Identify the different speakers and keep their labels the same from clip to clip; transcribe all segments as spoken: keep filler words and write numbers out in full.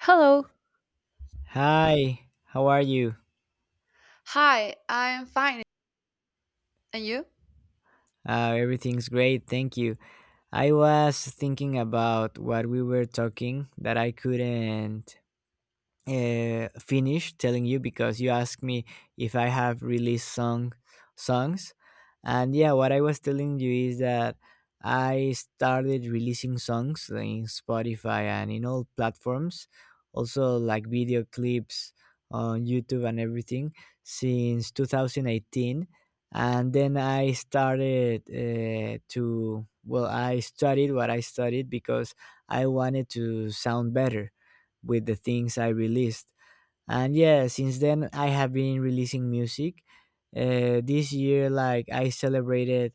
Speaker 1: Hello.
Speaker 2: Hi, how are you?
Speaker 1: Hi, I'm fine. And you?
Speaker 2: Uh, everything's great, thank you. I was thinking about what we were talking that I couldn't uh, finish telling you because you asked me if I have released song songs. And yeah, what I was telling you is that I started releasing songs in Spotify and in all platforms, also like video clips on YouTube and everything since two thousand eighteen And then I started uh, to well, I studied what I studied because I wanted to sound better with the things I released. And yeah, since then I have been releasing music. Uh, this year, like I celebrated,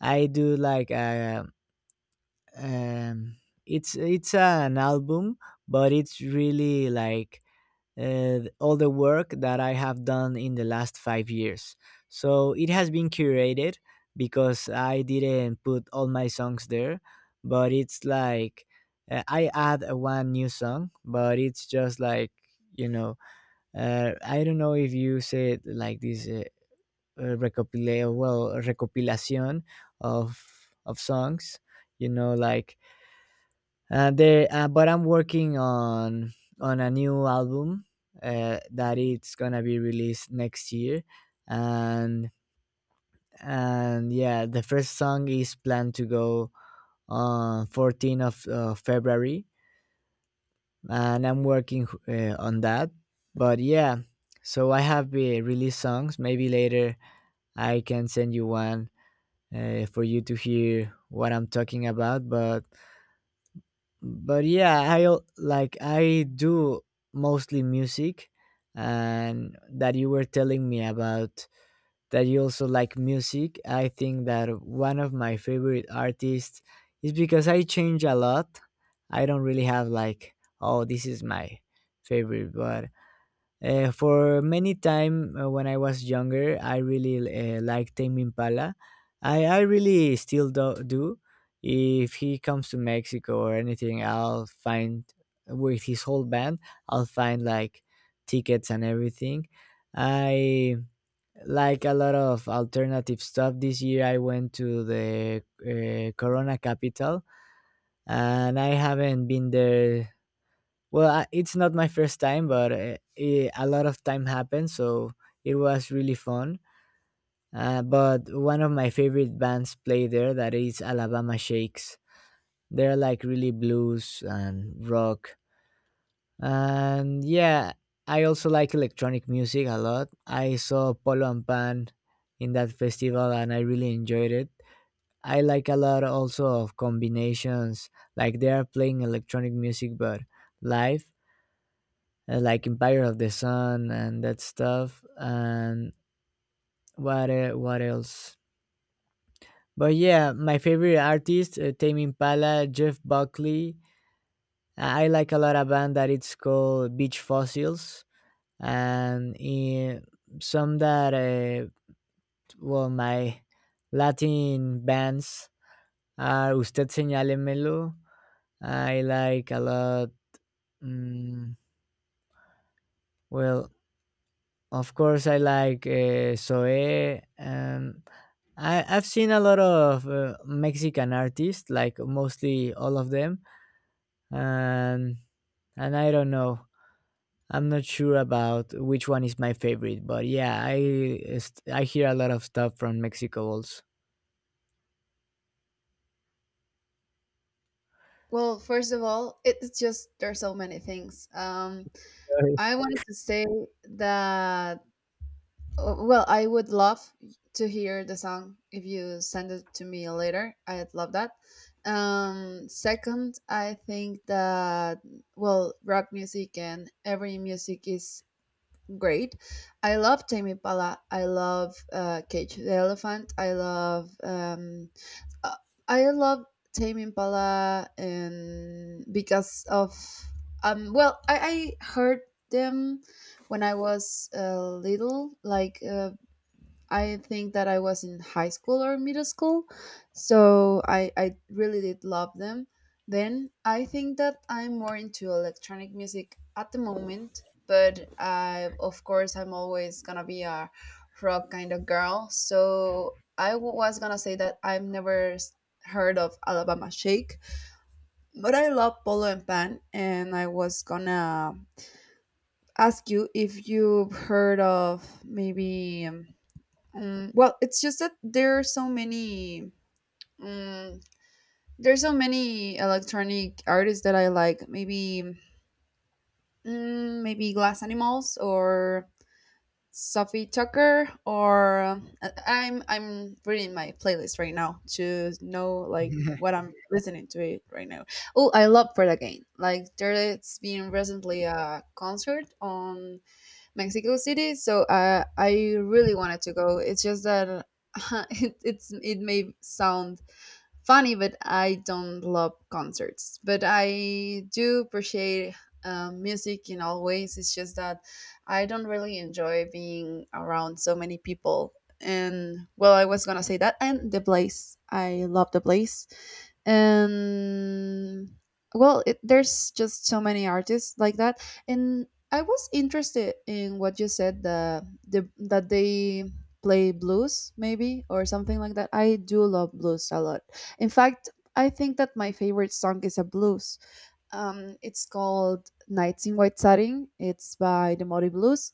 Speaker 2: I do like a, um, it's it's an album, but it's really like uh, all the work that I have done in the last five years. So it has been curated because I didn't put all my songs there, but it's like uh, I add a one new song, but it's just like you know, uh, I don't know if you say it like this uh, uh, recopila well recopilación of of songs, you know, like uh, there, uh, but I'm working on on a new album uh, that it's gonna be released next year. And and yeah, the first song is planned to go on fourteenth of uh, February, and I'm working uh, on that. But yeah, so I have uh, released songs. Maybe later I can send you one uh, for you to hear what I'm talking about. But but yeah, I al- like I do mostly music. And that you were telling me about that you also like music, I think that one of my favorite artists is, because I change a lot, I don't really have like, oh, this is my favorite. But uh, for many time, uh, when I was younger, I really uh, liked Tame Impala. I, I really still do, do. If he comes to Mexico or anything, I'll find with his whole band. I'll find like tickets and everything. I like a lot of alternative stuff. This year, I went to the uh, Corona capital, and I haven't been there, well, I, it's not my first time, but uh, eh, a lot of time happened, so it was really fun. Uh, but one of my favorite bands play there, that is Alabama Shakes. They're like really blues and rock. And yeah, I also like electronic music a lot. I saw Polo and Pan in that festival and I really enjoyed it. I like a lot also of combinations, like they are playing electronic music but live, uh, like Empire of the Sun and that stuff. And what uh, what else? But yeah, my favorite artist, uh, Tame Impala, Jeff Buckley. I I like a lot a band that it's called Beach Fossils, and eh, some that uh, well, my Latin bands are Usted Señálemelo. I like a lot. mm, well, of course, I like uh, Zoe. Um, I, I've seen a lot of uh, Mexican artists, like mostly all of them, and and I don't know. I'm not sure about which one is my favorite, but yeah, I est- I hear a lot of stuff from Mexico also.
Speaker 1: Well, first of all, it's just there's so many things. Um,
Speaker 2: Sorry.
Speaker 1: I wanted to say that uh, well, I would love to hear the song if you send it to me later. I'd love that. Um, second, I think that, well, rock music and every music is great. I love Tame Impala. I love uh, Cage the Elephant. I love um, uh, I love Tame Impala, and because of um well, I, I heard them when I was uh, little, like, uh, I think that I was in high school or middle school, so I I really did love them. Then I think that I'm more into electronic music at the moment, but I of course I'm always gonna be a rock kind of girl. So I w- was gonna say that I've never s- heard of Alabama Shake, but I love Polo and Pan, and I was gonna ask you if you've heard of, maybe. Um, Mm, well, it's just that there are so many. Mm, there's so many electronic artists that I like. Maybe, mm, maybe Glass Animals or Sophie Tucker, or I- I'm I'm reading my playlist right now to know, like, what I'm listening to it right now. Oh, I love Fred again. Like, there's been recently a concert on Mexico City. So uh, I really wanted to go. It's just that it, it's it may sound funny, but I don't love concerts. But I do appreciate um, music in all ways. It's just that I don't really enjoy being around so many people. And well, I was gonna say that, and the place. I love the place, and, well, it, there's just so many artists like that. And I was interested in what you said, the, the that they play blues maybe or something like that. I do love blues a lot. In fact, I think that my favorite song is a blues. Um, it's called "Nights in White Satin." It's by the Modi Blues,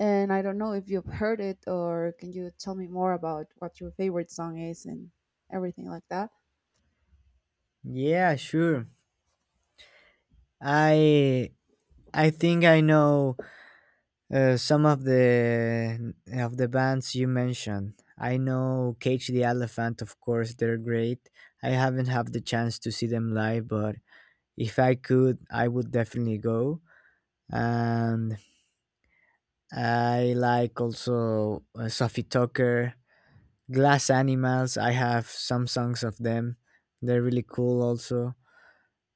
Speaker 1: and I don't know if you've heard it, or can you tell me more about what your favorite song is and everything like that.
Speaker 2: Yeah, sure. I I think I know uh, some of the of the bands you mentioned. I know Cage the Elephant, of course, they're great. I haven't had the chance to see them live, but if I could, I would definitely go. And I like also uh, Sophie Tucker, Glass Animals. I have some songs of them. They're really cool. Also,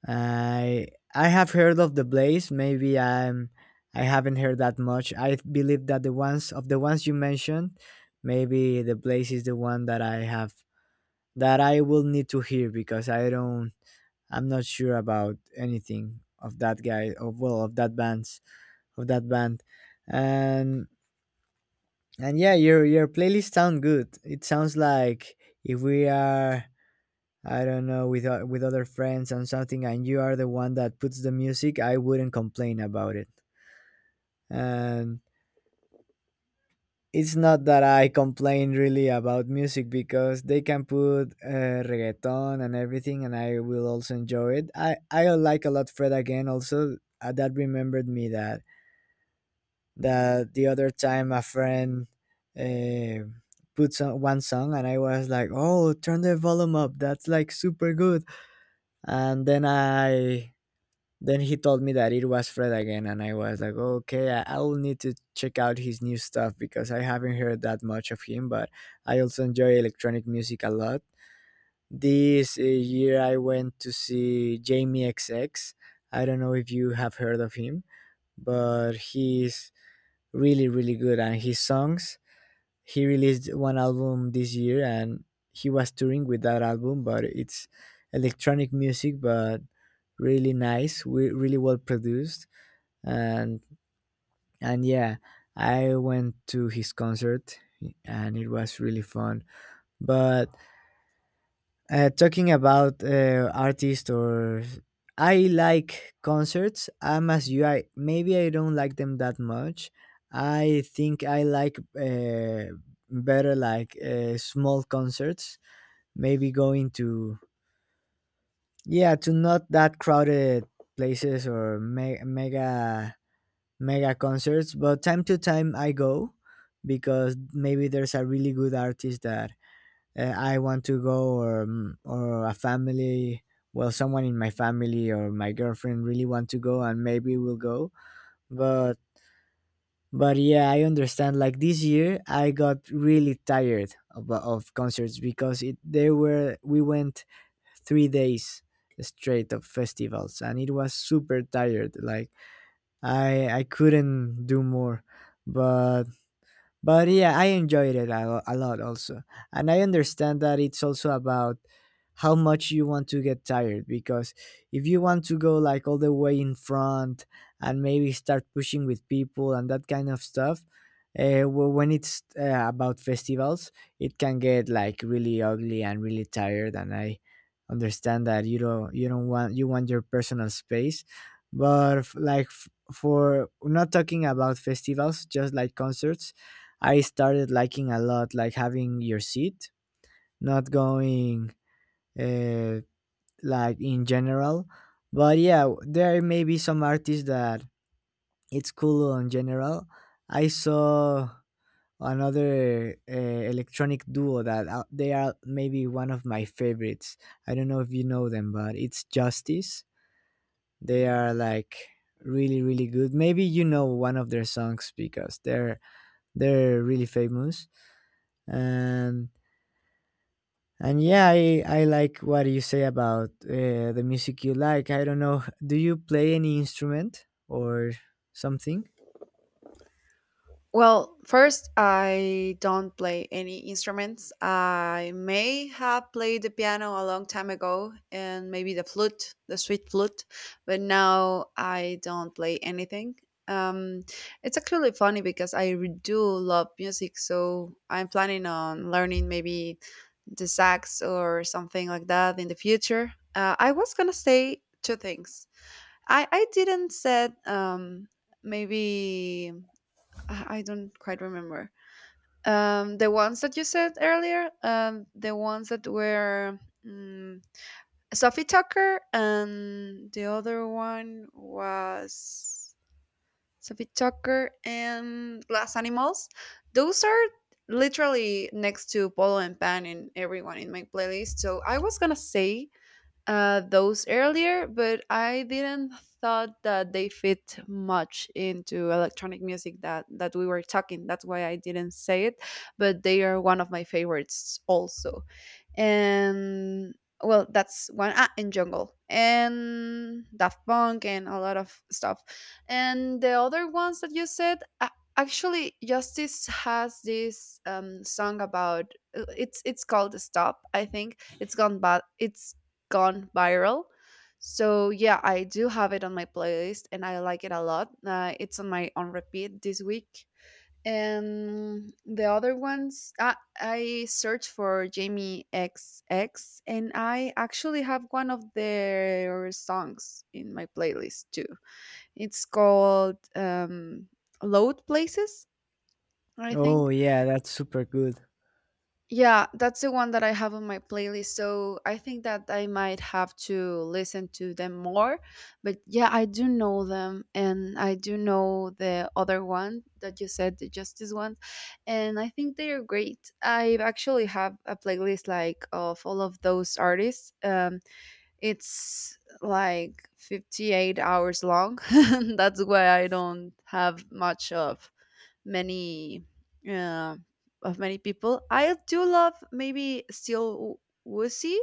Speaker 2: I I have heard of the Blaze. Maybe I'm I haven't heard that much. I believe that the ones of the ones you mentioned, maybe the Blaze is the one that I have, that I will need to hear because I don't I'm not sure about anything of that guy, of well, of that band. of that band. And and yeah, your your playlist sound good. It sounds like if we are, I don't know, with o- with other friends and something, and you are the one that puts the music, I wouldn't complain about it. And it's not that I complain really about music because they can put uh, reggaeton and everything, and I will also enjoy it. I I like a lot Fred again also. Uh, that remembered me that that the other time a friend uh, put some, one song and I was like, "Oh, turn the volume up. That's like super good." And then I Then he told me that it was Fred again, and I was like, "Okay, I, I will need to check out his new stuff because I haven't heard that much of him, but I also enjoy electronic music a lot." This uh, year I went to see Jamie X X. I don't know if you have heard of him, but he's really really good, and his songs, he released one album this year and he was touring with that album. But it's electronic music but really nice, we really well produced. And and yeah, I went to his concert and it was really fun. But Uh, talking about uh, artists or I like concerts. I'm as you. I maybe I don't like them that much. I think I like uh, better like uh, small concerts. Maybe going to, yeah, to not that crowded places or me- mega mega concerts. But time to time I go because maybe there's a really good artist that uh, I want to go, or mm, or a family well someone in my family or my girlfriend really want to go and maybe we'll go. But but yeah, I understand. Like this year I got really tired of, of concerts because it there were we went three days straight of festivals and it was super tired. Like I I couldn't do more. But but yeah, I enjoyed it a, lo- a lot also. And I understand that it's also about how much you want to get tired, because if you want to go like all the way in front and maybe start pushing with people and that kind of stuff, uh, well, when it's uh, about festivals, it can get like really ugly and really tired. And I understand that you don't you don't want, you want your personal space, but f- like f- for not talking about festivals, just like concerts, I started liking a lot, like having your seat, not going uh, like in general. But yeah, there may be some artists that it's cool in general. I saw another uh, electronic duo that uh, they are maybe one of my favorites. I don't know if you know them, but it's Justice. They are like really really good. Maybe you know one of their songs because they're they're really famous. And And yeah, I, I like what you say about uh, the music you like. I don't know. Do you play any instrument or something?
Speaker 1: Well, first, I don't play any instruments. I may have played the piano a long time ago, and maybe the flute, the sweet flute, but now I don't play anything. Um, it's actually funny because I re- do love music, so I'm planning on learning, maybe, the sax or something like that in the future. Uh, I was gonna say two things. I, I didn't said, um, maybe I I don't quite remember. Um, the ones that you said earlier, um, the ones that were, mm Sophie Tucker, and the other one was Sophie Tucker and Glass Animals. Those are literally next to Polo and Pan in everyone in my playlist. So I was gonna say uh, those earlier, but I didn't thought that they fit much into electronic music that that we were talking. That's why I didn't say it, but they are one of my favorites also. And, well, that's one. Ah, and Jungle and Daft Punk and a lot of stuff. And the other ones that you said. a- Actually, Justice has this um, song about. Uh, it's it's called "Stop." I think it's gone bad. It's gone viral. So yeah, I do have it on my playlist, and I like it a lot. Uh, it's on my on repeat this week. And the other ones, I, I search for Jamie X X, and I actually have one of their songs in my playlist too. It's called, um, Load Places, I
Speaker 2: Oh,
Speaker 1: think.
Speaker 2: yeah, that's super good.
Speaker 1: Yeah, that's the one that I have on my playlist. So I think that I might have to listen to them more. But yeah, I do know them, and I do know the other one that you said, the Justice one. And I think they are great. I actually have a playlist like of all of those artists. Um it's like fifty-eight hours long. That's why I don't have much of many uh, of many people. I do love, maybe, still Wussy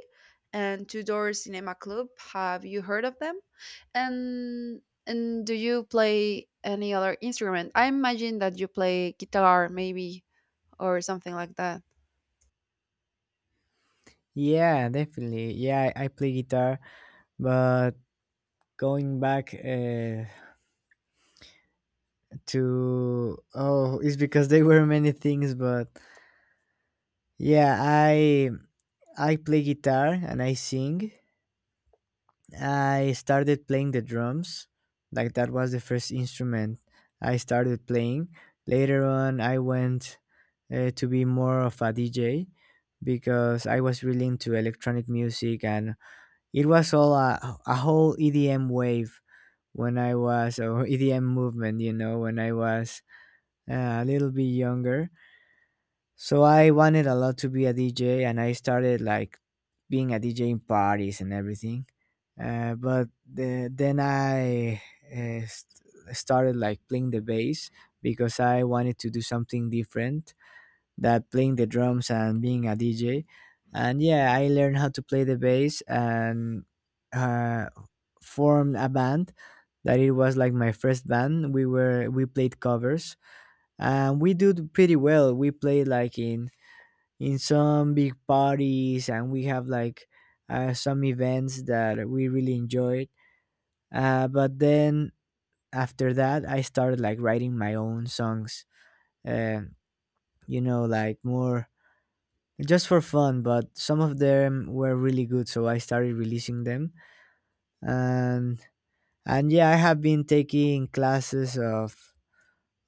Speaker 1: and Two Door Cinema Club. Have you heard of them? And and do you play any other instrument? I imagine that you play guitar, maybe, or something like that.
Speaker 2: Yeah, definitely. Yeah, I, I play guitar, but going back uh, to oh, it's because there were many things, but yeah, I I play guitar and I sing. I started playing the drums. Like that was the first instrument I started playing. Later on, I went uh, to be more of a D J because I was really into electronic music and it was all a, a whole E D M wave when I was, or E D M movement, you know, when I was uh, a little bit younger. So I wanted a lot to be a D J and I started like being a D J in parties and everything. Uh, but the, then I uh, st- started like playing the bass because I wanted to do something different that playing the drums and being a D J. And yeah, I learned how to play the bass and uh, formed a band that it was like my first band. We were we played covers and we did pretty well. We played like in in some big parties and we have like uh, some events that we really enjoyed. Uh, but Then after that, I started like writing my own songs. Uh, you know, like more just for fun. But some of them were really good, so I started releasing them. And and yeah, I have been taking classes of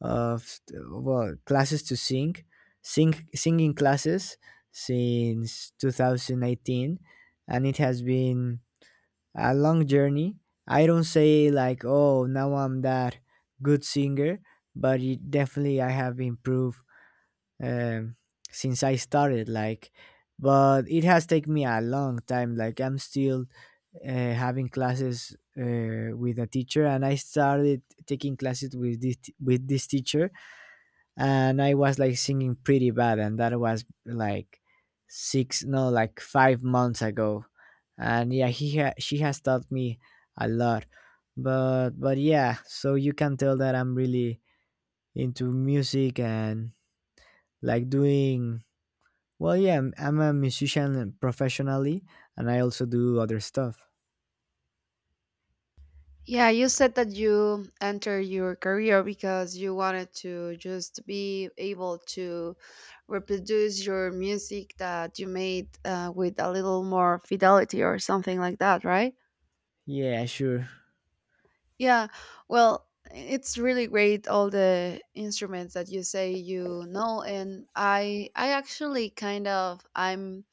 Speaker 2: of well classes to sing, sing singing classes since two thousand eighteen, and it has been a long journey. I don't say like, oh, now I'm that good singer, but it definitely I have improved, um, since I started. Like, but it has taken me a long time. Like, I'm still uh, having classes uh, with a teacher, and I started taking classes with this with this teacher, and I was like singing pretty bad, and that was like six, no, like five months ago, and yeah, he ha- she has taught me a lot, but but yeah, so you can tell that I'm really into music and like doing well. Yeah, I'm, I'm a musician professionally, and I also do other stuff.
Speaker 1: Yeah, you said that you entered your career because you wanted to just be able to reproduce your music that you made uh, with a little more fidelity or something like that, right?
Speaker 2: Yeah, sure.
Speaker 1: Yeah, well, it's really great all the instruments that you say you know, and I I actually kind of, I'm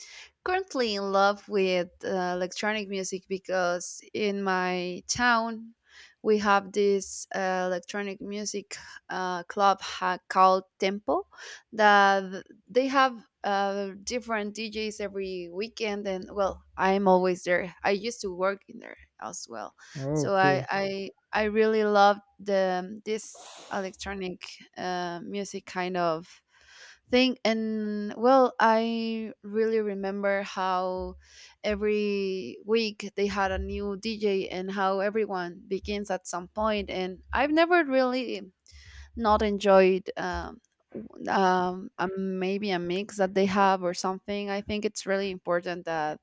Speaker 1: currently in love with uh, electronic music because in my town we have this uh, electronic music uh, club, ha- called Tempo, that they have uh, different D Js every weekend, and well, I'm always there. I used to work in there as well,
Speaker 2: Oh,
Speaker 1: so I,
Speaker 2: cool.
Speaker 1: I I really love the, um, this electronic uh, music kind of thing. And, well, I really remember how every week they had a new DJ and how everyone begins at some point point. And I've never really not enjoyed, um, w- um, a- maybe a mix that they have or something. I think it's really important that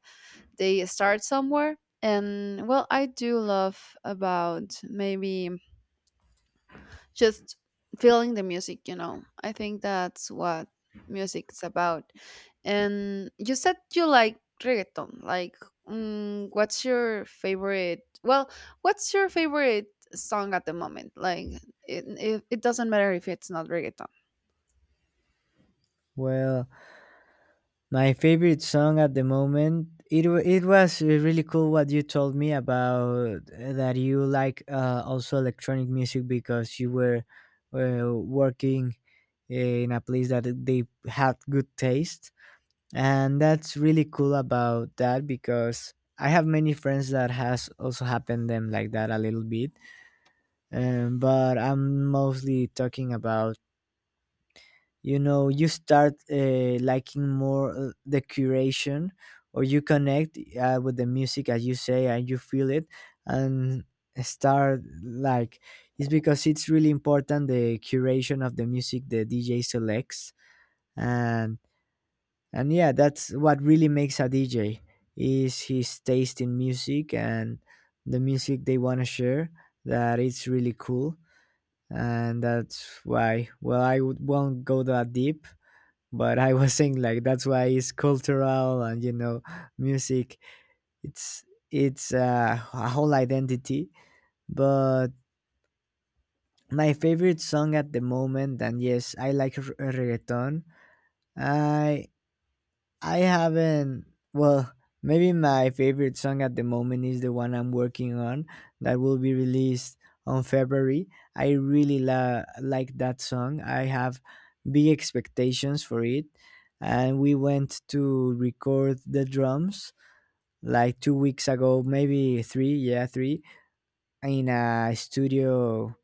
Speaker 1: they start somewhere, and, well, I do love about, maybe, just feeling the music, you know. I think that's what music's about. And you said you like reggaeton. Like, mm, what's your favorite? Well, what's your favorite song at the moment? Like, it, it, it doesn't matter if it's not reggaeton.
Speaker 2: Well, my favorite song at the moment. It wa- it was uh, really cool what you told me about, uh, that you like, uh, also electronic music because you were uh, working in a place that they had good taste, and that's really cool about that because I have many friends that has also happened them like that a little bit. Um, but I'm mostly talking about, you know, you start uh, liking more uh, the curation, or you connect uh, with the music as you say, and you feel it and start like. It's because it's really important, the curation of the music the DJ selects, and and yeah, that's what really makes a DJ, is his taste in music, and the music they want to share, that it's really cool. And that's why, well, i would, won't go that deep, but I was saying like that's why it's cultural, and, you know, music, it's it's uh, a whole identity. But my favorite song at the moment, and yes, I like r- reggaeton. I I haven't. Well, maybe my favorite song at the moment is the one I'm working on that will be released on February. I really la- like that song. I have big expectations for it. And we went to record the drums like two weeks ago, maybe three, yeah, three, in a studio,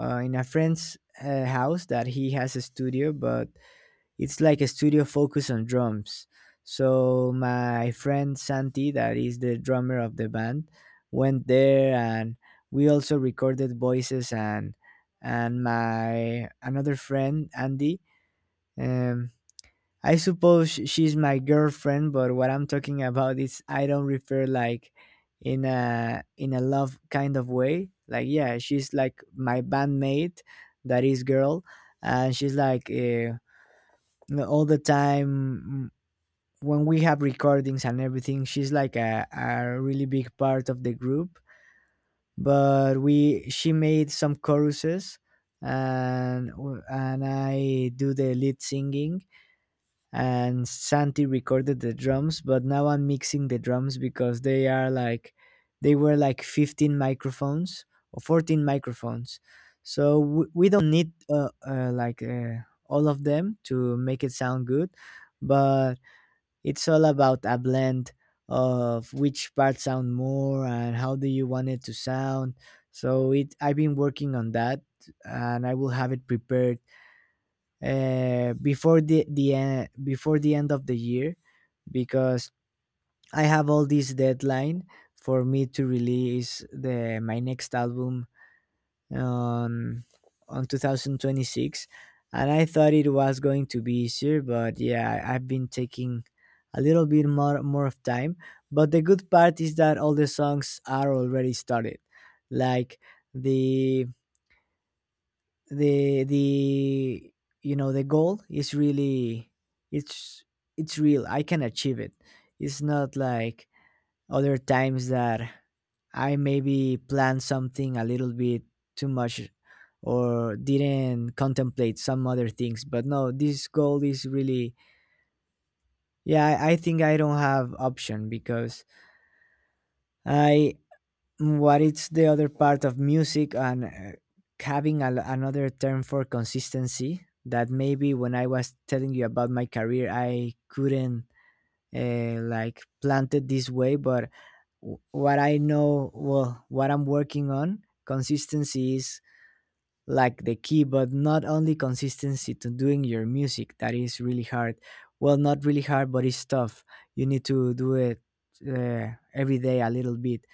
Speaker 2: uh, in a friend's uh, house that he has a studio, but it's like a studio focus on drums. So my friend Santi, that is the drummer of the band, went there, and we also recorded voices, and and my another friend Andy. Um, I suppose sh- she's my girlfriend, but what I'm talking about is I don't refer like in a in a love kind of way. Like yeah, she's like my bandmate, that is girl, and she's like. Uh, all the time, mm, when we have recordings and everything, she's like a, a really big part of the group. But we she made some choruses, and and I do the lead singing, and Santi recorded the drums, but now I'm mixing the drums because they are like they were like fifteen microphones or fourteen microphones, so we we don't need uh, uh, like, uh, all of them to make it sound good. But it's all about a blend of which parts sound more and how do you want it to sound. So it I've been working on that, and I will have it prepared uh, before the the uh, before the end of the year, because I have all this deadline for me to release the my next album on on twenty twenty-six. And I thought it was going to be easier, but yeah, I- I've been taking a little bit more more of time, but the good part is that all the songs are already started. Like, the the the you know the goal is really, it's it's real. I can achieve it. It's not like other times that I maybe planned something a little bit too much or didn't contemplate some other things. But no, this goal is really, yeah, I, I think I don't have option, because I, what it's the other part of music, and uh, having a, another term for consistency that maybe when I was telling you about my career, I couldn't uh, like plant it this way. But w- what I know, well, what I'm working on, consistency is like the key, but not only consistency to doing your music, that is really hard, well, not really hard, but it's tough. You need to do it uh, every day a little bit,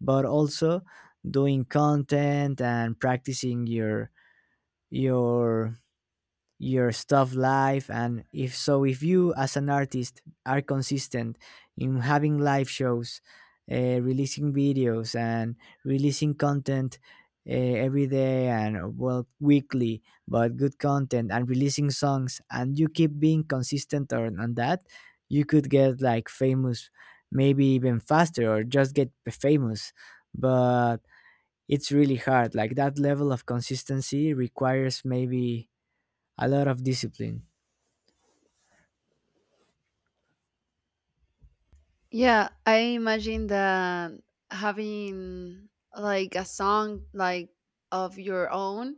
Speaker 2: but also doing content and practicing your your your stuff live. And if so if you as an artist are consistent in having live shows, uh, releasing videos and releasing content uh, every day, and uh, well, weekly, but good content, and releasing songs, and you keep being consistent on, on that, you could get like famous maybe even faster, or just get famous. But it's really hard. Like that level of consistency requires maybe a lot of discipline.
Speaker 1: Yeah, I imagine that having, like, a song like of your own,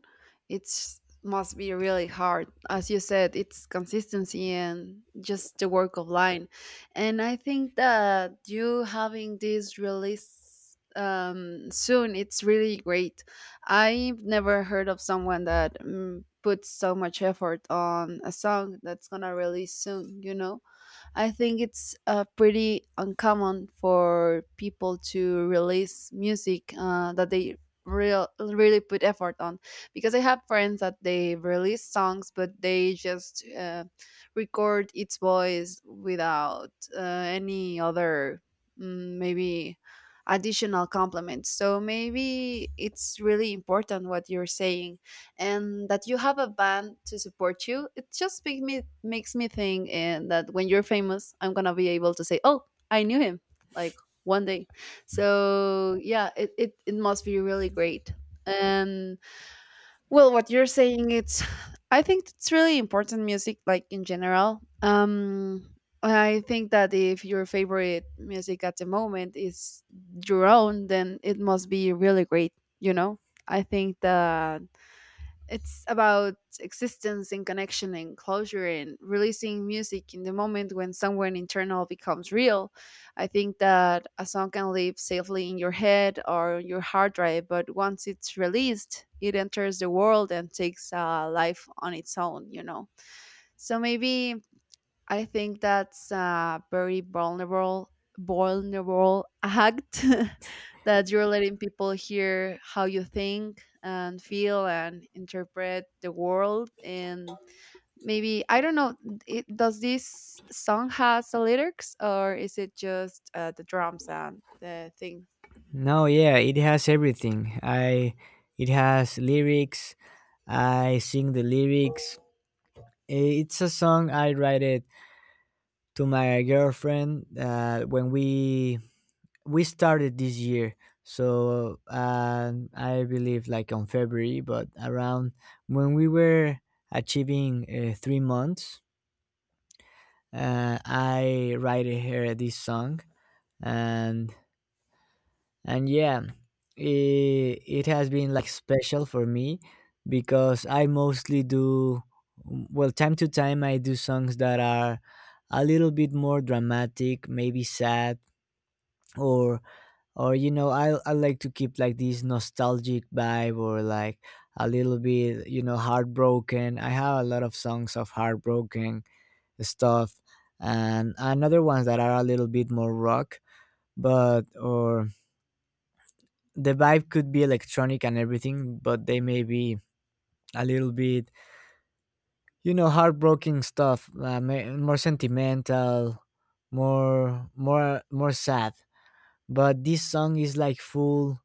Speaker 1: it's must be really hard. As you said, it's consistency and just the work of line. And I think that you having this release um, soon, it's really great. I've never heard of someone that mm, puts so much effort on a song that's gonna release soon, you know? I think it's uh, pretty uncommon for people to release music uh, that they real really put effort on, because I have friends that they release songs, but they just uh, record its voice without uh, any other, mm, maybe, additional compliments. So maybe it's really important what you're saying, and that you have a band to support you, it just make me makes me think, and that when you're famous I'm gonna be able to say, oh, I knew him, like, one day. So yeah, it, it, it must be really great. And, well, what you're saying, it's, I think it's really important, music, like, in general. Um I think that if your favorite music at the moment is your own, then it must be really great, you know. I think that it's about existence and connection and closure and releasing music in the moment when someone internal becomes real. I think that a song can live safely in your head or your hard drive, but once it's released, it enters the world and takes a life on its own, you know. So maybe, I think that's a very vulnerable vulnerable act that you're letting people hear how you think and feel and interpret the world. And maybe, I don't know, it, does this song has the lyrics, or is it just uh, the drums and the thing?
Speaker 2: No, yeah, it has everything. I It has lyrics. I sing the lyrics. It's a song I write it to my girlfriend uh, when we we started this year. So uh, I believe like on February, but around when we were achieving uh, three months. uh, I write her this song, and and yeah, it, it has been like special for me because I mostly do, well, time to time I do songs that are a little bit more dramatic, maybe sad, or or you know, i i like to keep like this nostalgic vibe, or like a little bit, you know, heartbroken. I have a lot of songs of heartbroken stuff, and another ones that are a little bit more rock, but or the vibe could be electronic and everything, but they may be a little bit, you know, heartbroken stuff, uh, ma- more sentimental, more more more sad. But this song is like full,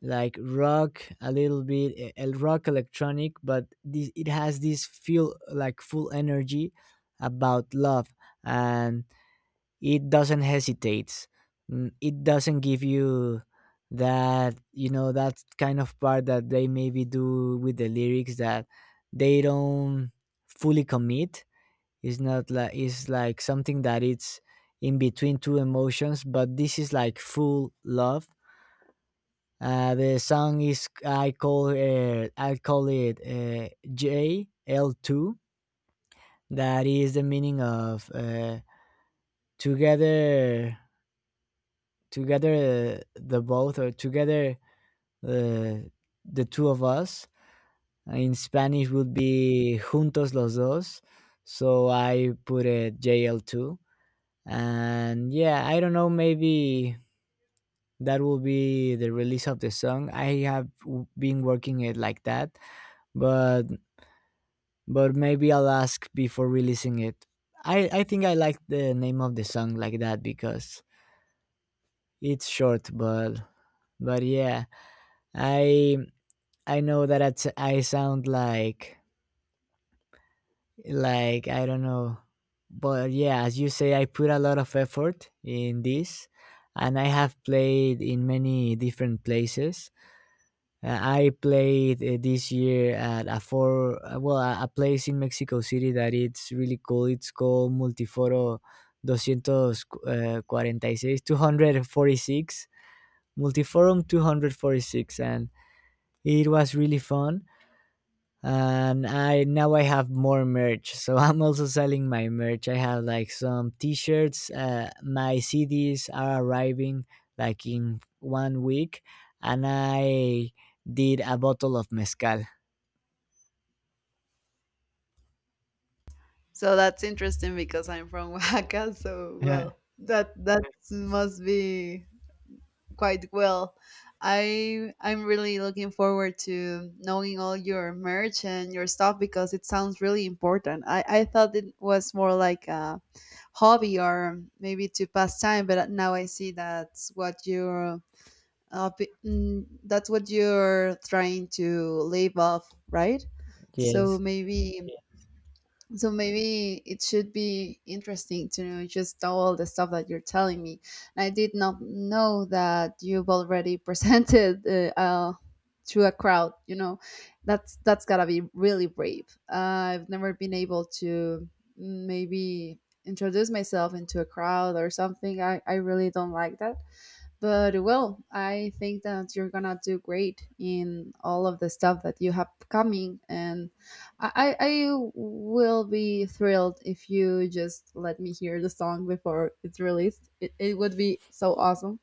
Speaker 2: like rock, a little bit e- el- rock electronic, but this it has this feel like full energy about love, and it doesn't hesitate. Mm, it doesn't give you that, you know, that kind of part that they maybe do with the lyrics, that they don't fully commit. It's not like it's like something that it's in between two emotions, but this is like full love. Uh, the song is, i call it I call it uh, J L two, that is the meaning of uh, together together, uh, the both, or together, uh, the two of us, in Spanish, would be juntos los dos. So I put it J L two. And yeah, I don't know, maybe that will be the release of the song. I have w- been working it like that, but but maybe I'll ask before releasing it. I I think I like the name of the song like that because it's short, but but yeah, I I know that it's, I sound like like I don't know, but yeah, as you say, I put a lot of effort in this, and I have played in many different places. Uh, I played uh, this year at a four uh, well a, a place in Mexico City that it's really cool. It's called Multiforo two forty-six two forty-six Multiforum two forty-six, and it was really fun. And i now i have more merch, so I'm also selling my merch. I have like some t-shirts. Uh, my CDs are arriving like in one week, and I did a bottle of mezcal.
Speaker 1: So that's interesting because I'm from Oaxaca, so,
Speaker 2: Uh,
Speaker 1: well, that that must be quite well. I I'm really looking forward to knowing all your merch and your stuff because it sounds really important. I, I thought it was more like a hobby or maybe to pass time, but now I see that's what you're uh, p- mm, that's what you're trying to live off, right? So
Speaker 2: yes.
Speaker 1: maybe so maybe it should be interesting to know just all the stuff that you're telling me. And I did not know that you've already presented uh, uh, to a crowd, you know. That's that's gotta be really brave. Uh, I've never been able to, mm, maybe, introduce myself into a crowd or something. i, I really don't like that. But, well, I think that you're gonna do great in all of the stuff that you have coming, and I, I I will be thrilled if you just let me hear the song before it's released. It, it would be so awesome,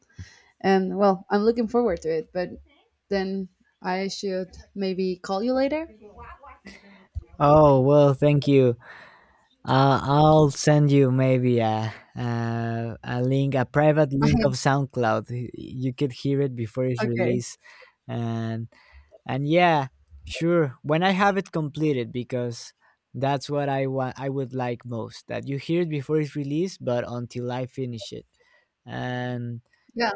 Speaker 1: and, well, I'm looking forward to it. But then I should maybe call you later.
Speaker 2: Oh, well, thank you. uh, I'll send you maybe a, a a link a private link of SoundCloud. You could hear it before it's
Speaker 1: Okay.
Speaker 2: released. and And yeah, sure, when I have it completed, because that's what I want I would like most. That you hear it before it's released, but until I finish it. And
Speaker 1: Yeah.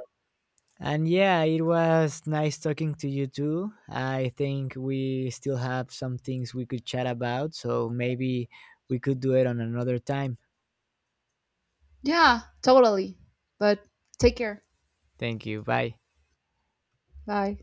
Speaker 2: and yeah, it was nice talking to you too. I think we still have some things we could chat about, so maybe we could do it on another time.
Speaker 1: Yeah. Totally. But take care.
Speaker 2: Thank you. Bye.
Speaker 1: Bye.